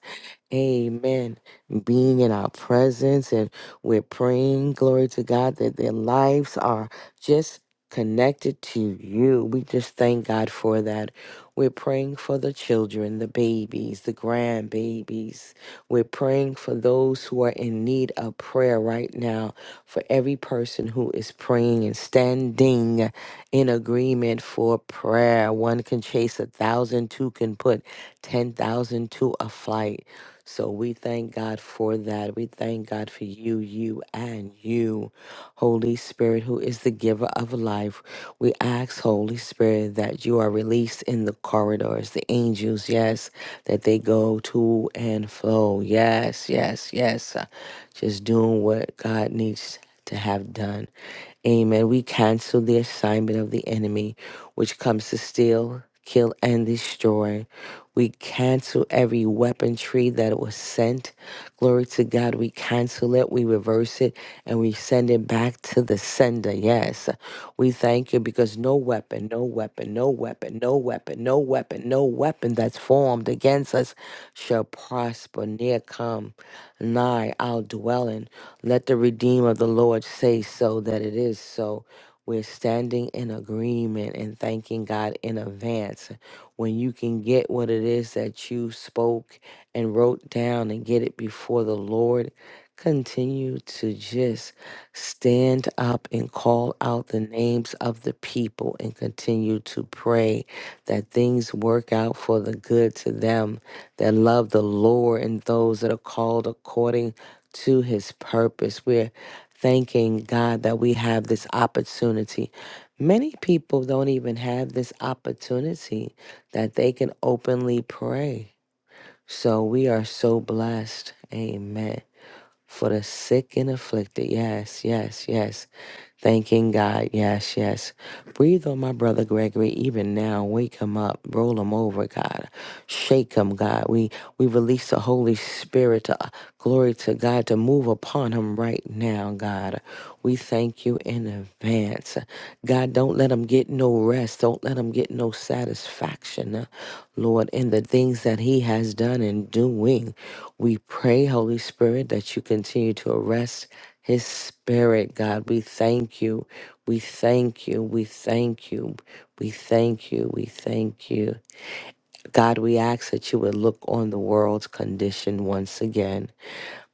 Speaker 2: Amen. Being in our presence, and we're praying, glory to God, that their lives are just connected to you. We just thank God for that. We're praying for the children, the babies, the grandbabies. We're praying for those who are in need of prayer right now, for every person who is praying and standing in agreement for prayer. One can chase a thousand, two can put 10,000 to a flight. So we thank God for that. We thank God for you, you, and you, Holy Spirit, who is the giver of life. We ask, Holy Spirit, that you are released in the corridors, the angels, yes, that they go to and fro. Yes, yes, yes. Uh, Just doing what God needs to have done. Amen. We cancel the assignment of the enemy, which comes to steal, kill, and destroy. We cancel every weaponry that was sent. Glory to God. We cancel it, we reverse it, and we send it back to the sender. Yes. We thank you because no weapon, no weapon, no weapon, no weapon, no weapon, no weapon that's formed against us shall prosper. Near come, nigh our dwelling. Let the redeemer of the Lord say so that it is so. We're standing in agreement and thanking God in advance when you can get what it is that you spoke and wrote down and get it before the Lord, continue to just stand up and call out the names of the people and continue to pray that things work out for the good to them that love the Lord and those that are called according to his purpose. We're thanking God that we have this opportunity. Many people don't even have this opportunity that they can openly pray. So we are so blessed. Amen. For the sick and afflicted. Yes, yes, yes. Thanking God. Yes, yes. Breathe on my brother Gregory even now. Wake him up. Roll him over, God. Shake him, God. We we release the Holy Spirit to glory to God to move upon him right now, God. We thank you in advance. God, don't let him get no rest. Don't let him get no satisfaction. uh, Lord, in the things that he has done and doing. We pray, Holy Spirit, that you continue to arrest his spirit, God. We thank you. We thank you. We thank you. We thank you. We thank you. God, we ask that you would look on the world's condition once again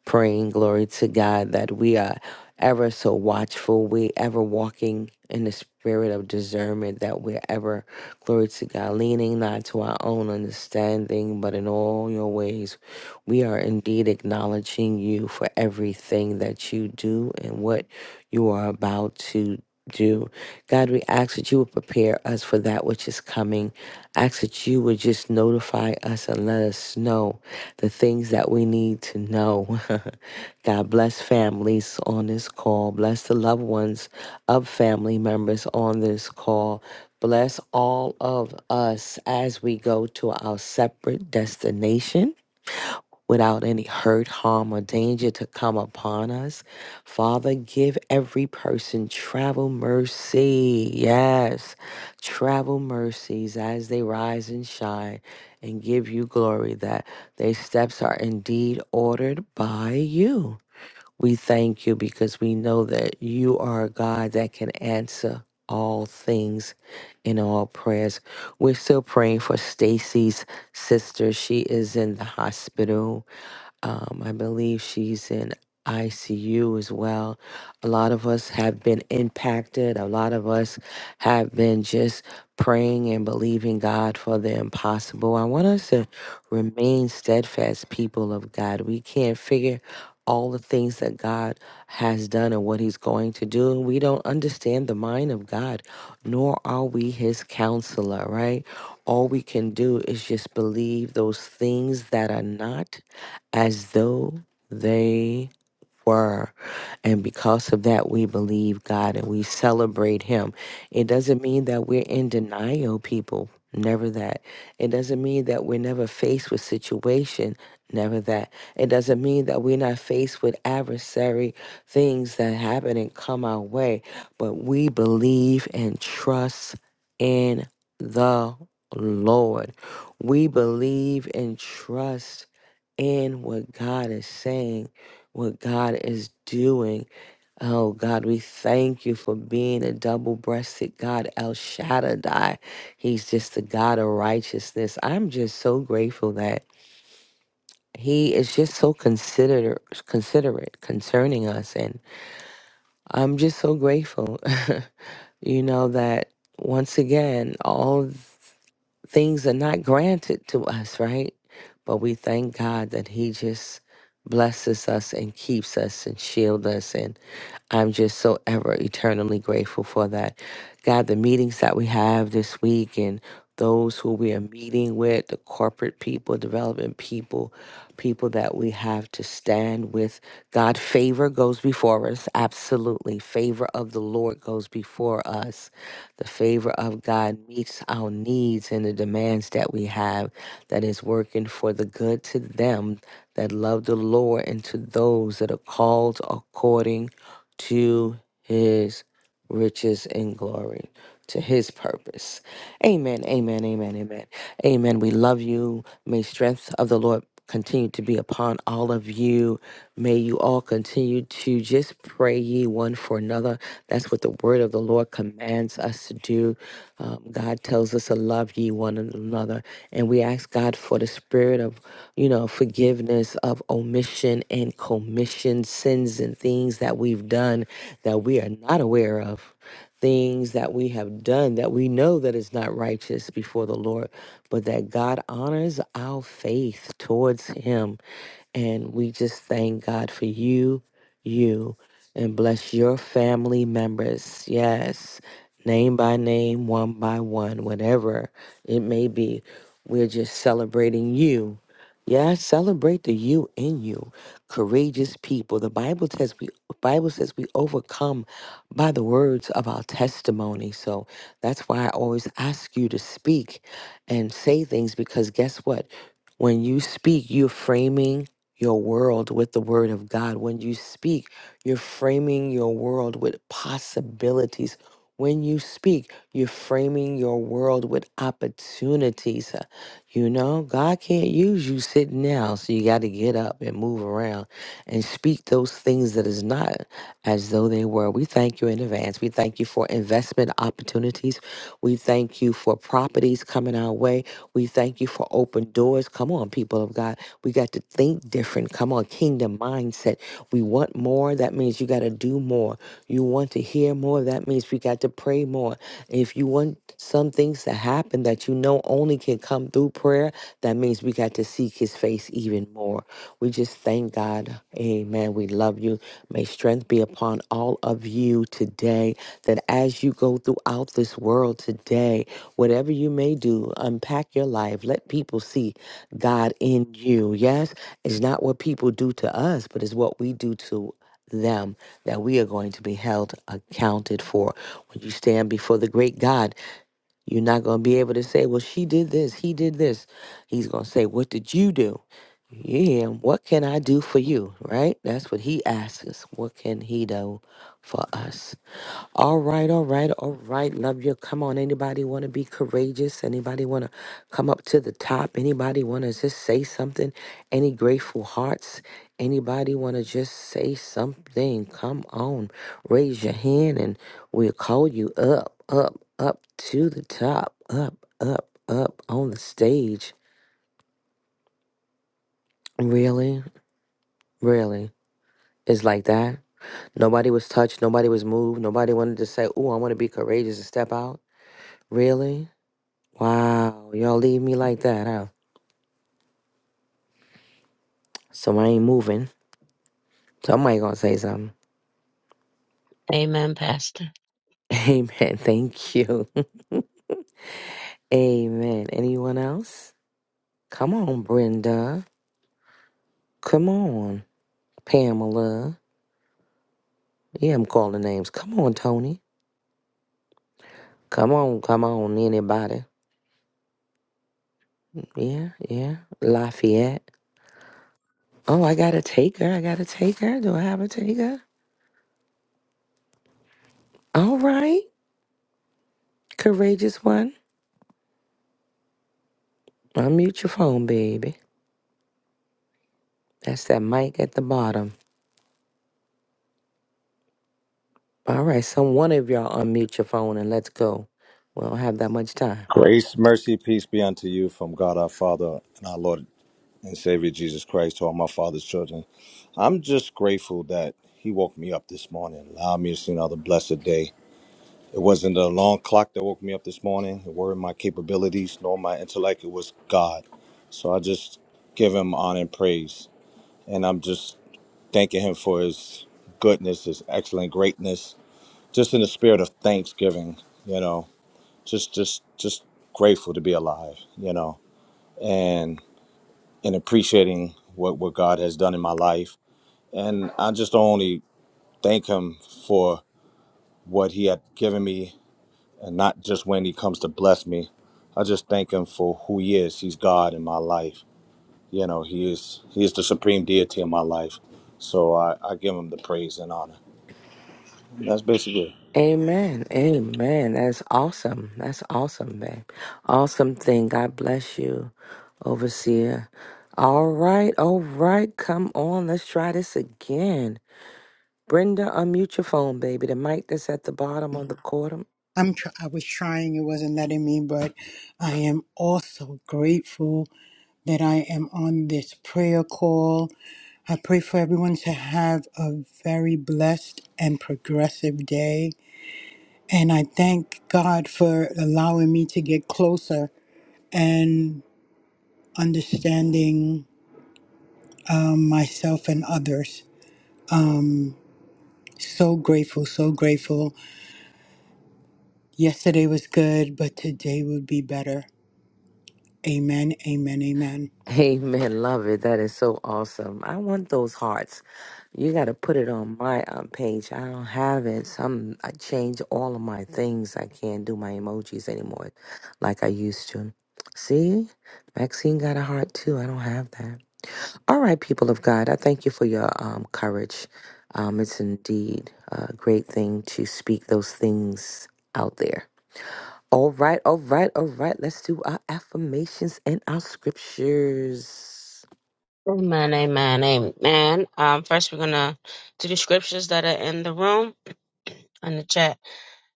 Speaker 2: praying, glory to God, that we are ever so watchful, we ever walking in the spirit of discernment, that we're ever, glory to God, leaning not to our own understanding, but in all your ways, we are indeed acknowledging you for everything that you do and what you are about to do. God, we ask that you would prepare us for that which is coming. Ask that you would just notify us and let us know the things that we need to know. God bless families on this call. Bless the loved ones of family members on this call. Bless all of us as we go to our separate destination without any hurt, harm, or danger to come upon us. Father, give every person travel mercy. Yes, travel mercies as they rise and shine and give you glory that their steps are indeed ordered by you. We thank you because we know that you are a God that can answer all things in all prayers. We're still praying for Stacy's sister. She is in the hospital um, I believe she's in ICU as well. A lot of us have been impacted. A lot of us have been just praying and believing God for the impossible. I want us to remain steadfast, people of God. We can't figure all the things that God has done and what He's going to do. And we don't understand the mind of God, nor are we His counselor, right? All we can do is just believe those things that are not as though they were. And because of that, we believe God and we celebrate Him. It doesn't mean that we're in denial, people. Never that. It doesn't mean that we're never faced with situation. Never that. It doesn't mean that we're not faced with adversary things that happen and come our way. But we believe and trust in the Lord. We believe and trust in what God is saying, what God is doing. Oh God, we thank you for being a double breasted God, El Shaddai. He's just the God of righteousness. I'm just so grateful that He is just so considerate, considerate concerning us. And I'm just so grateful, you know, that once again, all things are not granted to us, right? But we thank God that He just blesses us and keeps us and shield us. and. I'm just so ever eternally grateful for that. God, the meetings that we have this week and those who we are meeting with, the corporate people, development people, people that we have to stand with. God, favor goes before us. Absolutely. Favor of the Lord goes before us. The favor of God meets our needs and the demands that we have that is working for the good to them that love the Lord and to those that are called according to his riches and glory, to his purpose. Amen, amen, amen, amen. Amen. We love you. May strength of the Lord continue to be upon all of you. May you all continue to just pray ye one for another. That's what the word of the Lord commands us to do. Um, God tells us to love ye one another. And we ask God for the spirit of, you know, forgiveness of omission and commission, sins and things that we've done that we are not aware of things that we have done that we know that is not righteous before the Lord, but that God honors our faith towards him and we just thank God for you, you, and bless your family members. Yes, name by name, one by one, whatever it may be. We're just celebrating you. Yeah, celebrate the you in you, courageous people. The Bible says we Bible says we overcome by the words of our testimony. So that's why I always ask you to speak and say things because guess what? When you speak, you're framing your world with the word of God. When you speak, you're framing your world with possibilities. When you speak, you're framing your world with opportunities. Uh, You know, God can't use you sitting down, so you got to get up and move around and speak those things that is not as though they were. We thank you in advance. We thank you for investment opportunities. We thank you for properties coming our way. We thank you for open doors. Come on, people of God. We got to think different. Come on, kingdom mindset. We want more. That means you got to do more. You want to hear more. That means we got to pray more. If you want some things to happen that you know only can come through prayer, that means we got to seek his face even more. We just thank God. Amen. We love you. May strength be upon all of you today. That as you go throughout this world today, whatever you may do, unpack your life. Let people see. God in you. Yes, it's not what people do to us, but it's what we do to them that we are going to be held accounted for. When you stand before the great God, you're not going to be able to say, Well, she did this, he did this. He's going to say, What did you do? Yeah, what can I do for you? Right? That's what he asks us. What can he do for us? All right, all right, all right. Love you. Come on. Anybody want to be courageous? Anybody want to come up to the top? Anybody want to just say something? Any grateful hearts? Anybody want to just say something? Come on. Raise your hand and we'll call you up, up, up to the top, up, up, up on the stage. Really? Really? It's like that? Nobody was touched. Nobody was moved. Nobody wanted to say, Oh, I want to be courageous and step out? Really? Wow, y'all leave me like that, huh? So I ain't moving. Somebody gonna say something.
Speaker 1: Amen, Pastor.
Speaker 2: Amen. Thank you. Amen. Anyone else? Come on, Brenda. Come on, Pamela. Yeah, I'm calling names. Come on, Tony. Come on, come on, anybody. Yeah, yeah. Lafayette. Oh, I gotta take her. I gotta take her. Do I have a taker? All right. Courageous one. Unmute your phone, baby. That's that mic at the bottom. All right, some one of y'all unmute your phone and let's go. We don't have that much time.
Speaker 6: Grace, mercy, peace be unto you from God our Father and our Lord and Savior Jesus Christ to all my Father's children. I'm just grateful that He woke me up this morning, allowed me to see another blessed day. It wasn't the alarm clock that woke me up this morning, it weren't my capabilities nor my intellect, it was God. So I just give Him honor and praise. And I'm just thanking Him for His goodness, His excellent greatness, just in the spirit of thanksgiving, you know, just, just, just grateful to be alive, you know and and appreciating what what God has done in my life. And I just only thank Him for what He had given me, and not just when He comes to bless me. I just thank Him for who He is. He's God in my life. You know, He is He is the supreme deity in my life. So I, I give Him the praise and honor. That's basically it.
Speaker 2: Amen. Amen. That's awesome. That's awesome, babe. Awesome thing. God bless you, overseer. All right, all right. Come on, let's try this again. Brenda, unmute your phone, baby. The mic that's at the bottom of the cord.
Speaker 7: I'm tr- I was trying, it wasn't letting me, but I am also grateful that I am on this prayer call. I pray for everyone to have a very blessed and progressive day. And I thank God for allowing me to get closer and understanding myself and others. So grateful, so grateful. Yesterday was good, but today would be better. Amen, amen, amen.
Speaker 2: Amen. Love it. That is so awesome. I want those hearts. You got to put it on my um, page. I don't have it. Some I change all of my things. I can't do my emojis anymore, like I used to. See, Maxine got a heart too. I don't have that. All right, people of God, I thank you for your um, courage. Um, it's indeed a great thing to speak those things out there. All right, all right, all right. Let's do our affirmations and our scriptures.
Speaker 1: Amen, amen, amen. Um, first, we're going to do the scriptures that are in the room, in the chat.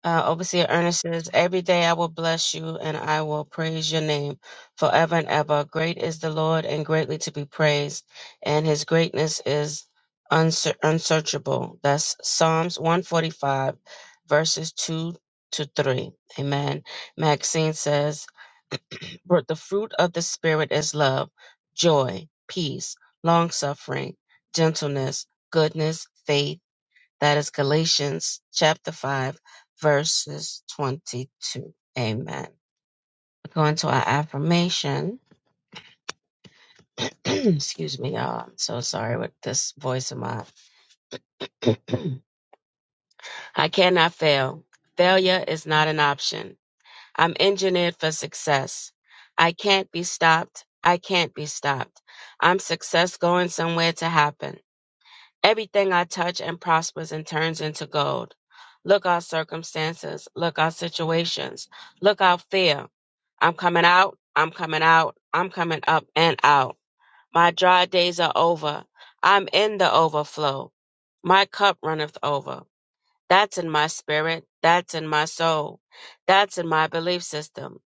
Speaker 1: Uh, Overseer Ernest says, Every day I will bless you and I will praise your name forever and ever. Great is the Lord and greatly to be praised, and his greatness is unse- unsearchable. That's Psalms 145, verses 2 to 3. Amen. Maxine says, but the fruit of the Spirit is love, joy, peace, long suffering, gentleness, goodness, faith that is Galatians chapter 5, verses 22. Amen. going to our affirmation. Excuse me, y'all. I'm so sorry with this voice of mine. I cannot fail. Failure is not an option. I'm engineered for success. I can't be stopped. I can't be stopped. I'm success going somewhere to happen. Everything I touch and prospers and turns into gold. Look out circumstances. Look out situations. Look out fear. I'm coming out. I'm coming out. I'm coming up and out. My dry days are over. I'm in the overflow. My cup runneth over. That's in my spirit. That's in my soul. That's in my belief system.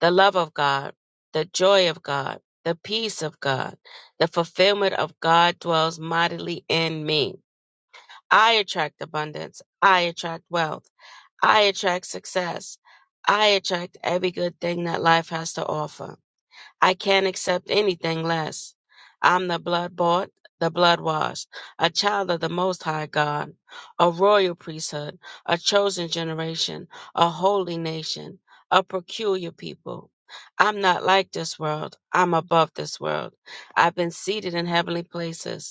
Speaker 1: The love of God, the joy of God, the peace of God, the fulfillment of God dwells mightily in me. I attract abundance. I attract wealth. I attract success. I attract every good thing that life has to offer. I can't accept anything less. I'm the blood bought, the blood washed, a child of the Most High God, a royal priesthood, a chosen generation, a holy nation, a peculiar people. I'm not like this world. I'm above this world. I've been seated in heavenly places.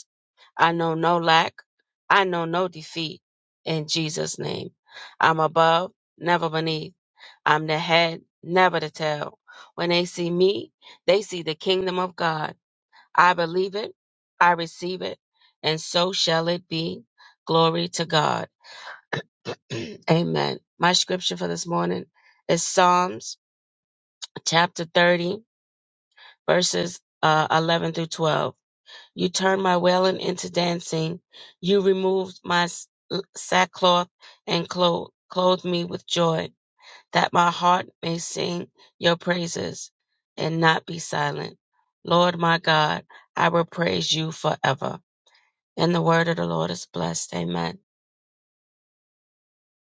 Speaker 1: I know no lack. I know no defeat. In Jesus' name. I'm above, never beneath. I'm the head, never the tail. When they see me, they see the kingdom of God. I believe it. I receive it. And so shall it be. Glory to God. Amen. My scripture for this morning is Psalms chapter 30, verses uh, 11 through 12. You turned my wailing into dancing. You removed my s- sackcloth and clothed, clothed me with joy, that my heart may sing your praises and not be silent. Lord my God, I will praise you forever. And the word of the Lord is blessed. Amen.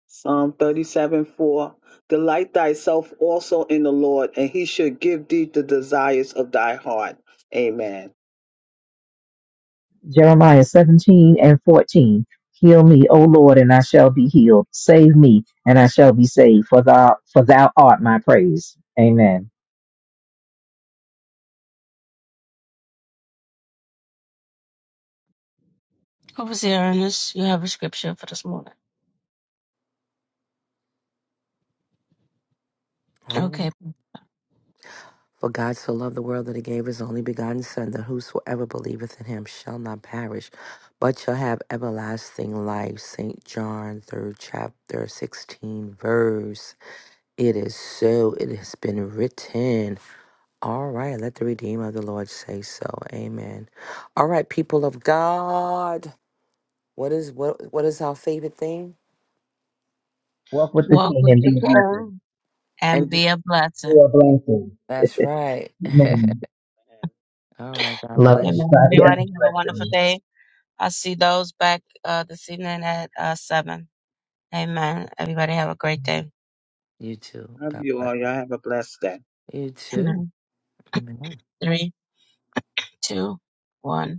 Speaker 3: Psalm 37 4 Delight thyself also in the Lord, and he should give thee the desires of thy heart. Amen.
Speaker 4: Jeremiah 17 and 14. Heal me, O Lord, and I shall be healed. Save me, and I shall be saved, for thou, for thou art my praise. Amen.
Speaker 1: Overseer Ernest, you have a scripture for this morning. Okay.
Speaker 2: Um, For God so loved the world that he gave his only begotten Son, that whosoever believeth in him shall not perish, but shall have everlasting life. St. John, 3rd chapter, 16 verse. It is so, it has been written. All right, let the Redeemer of the Lord say so. Amen. All right, people of God, what is what what is our favorite thing?
Speaker 4: Walk with the
Speaker 1: Walk
Speaker 4: King
Speaker 1: with
Speaker 4: and be
Speaker 1: the
Speaker 4: a blessing.
Speaker 1: king and
Speaker 2: And do-
Speaker 1: be a
Speaker 4: Be
Speaker 1: blessing.
Speaker 4: a blessing.
Speaker 2: that's right.
Speaker 4: Amen.
Speaker 2: All right, God
Speaker 4: Love
Speaker 2: bless
Speaker 1: Amen.
Speaker 4: everybody. Have
Speaker 1: Everybody
Speaker 4: a
Speaker 1: have a
Speaker 4: blessed
Speaker 1: wonderful
Speaker 4: day.
Speaker 1: day. I'll see those back uh, this evening at uh, 7. Amen. Everybody have a great day.
Speaker 2: you too.
Speaker 3: Love
Speaker 2: God
Speaker 3: you
Speaker 2: bless
Speaker 3: all. Y'all have a blessed day.
Speaker 2: you too.
Speaker 1: Amen.
Speaker 2: Amen.
Speaker 1: Three, two, one.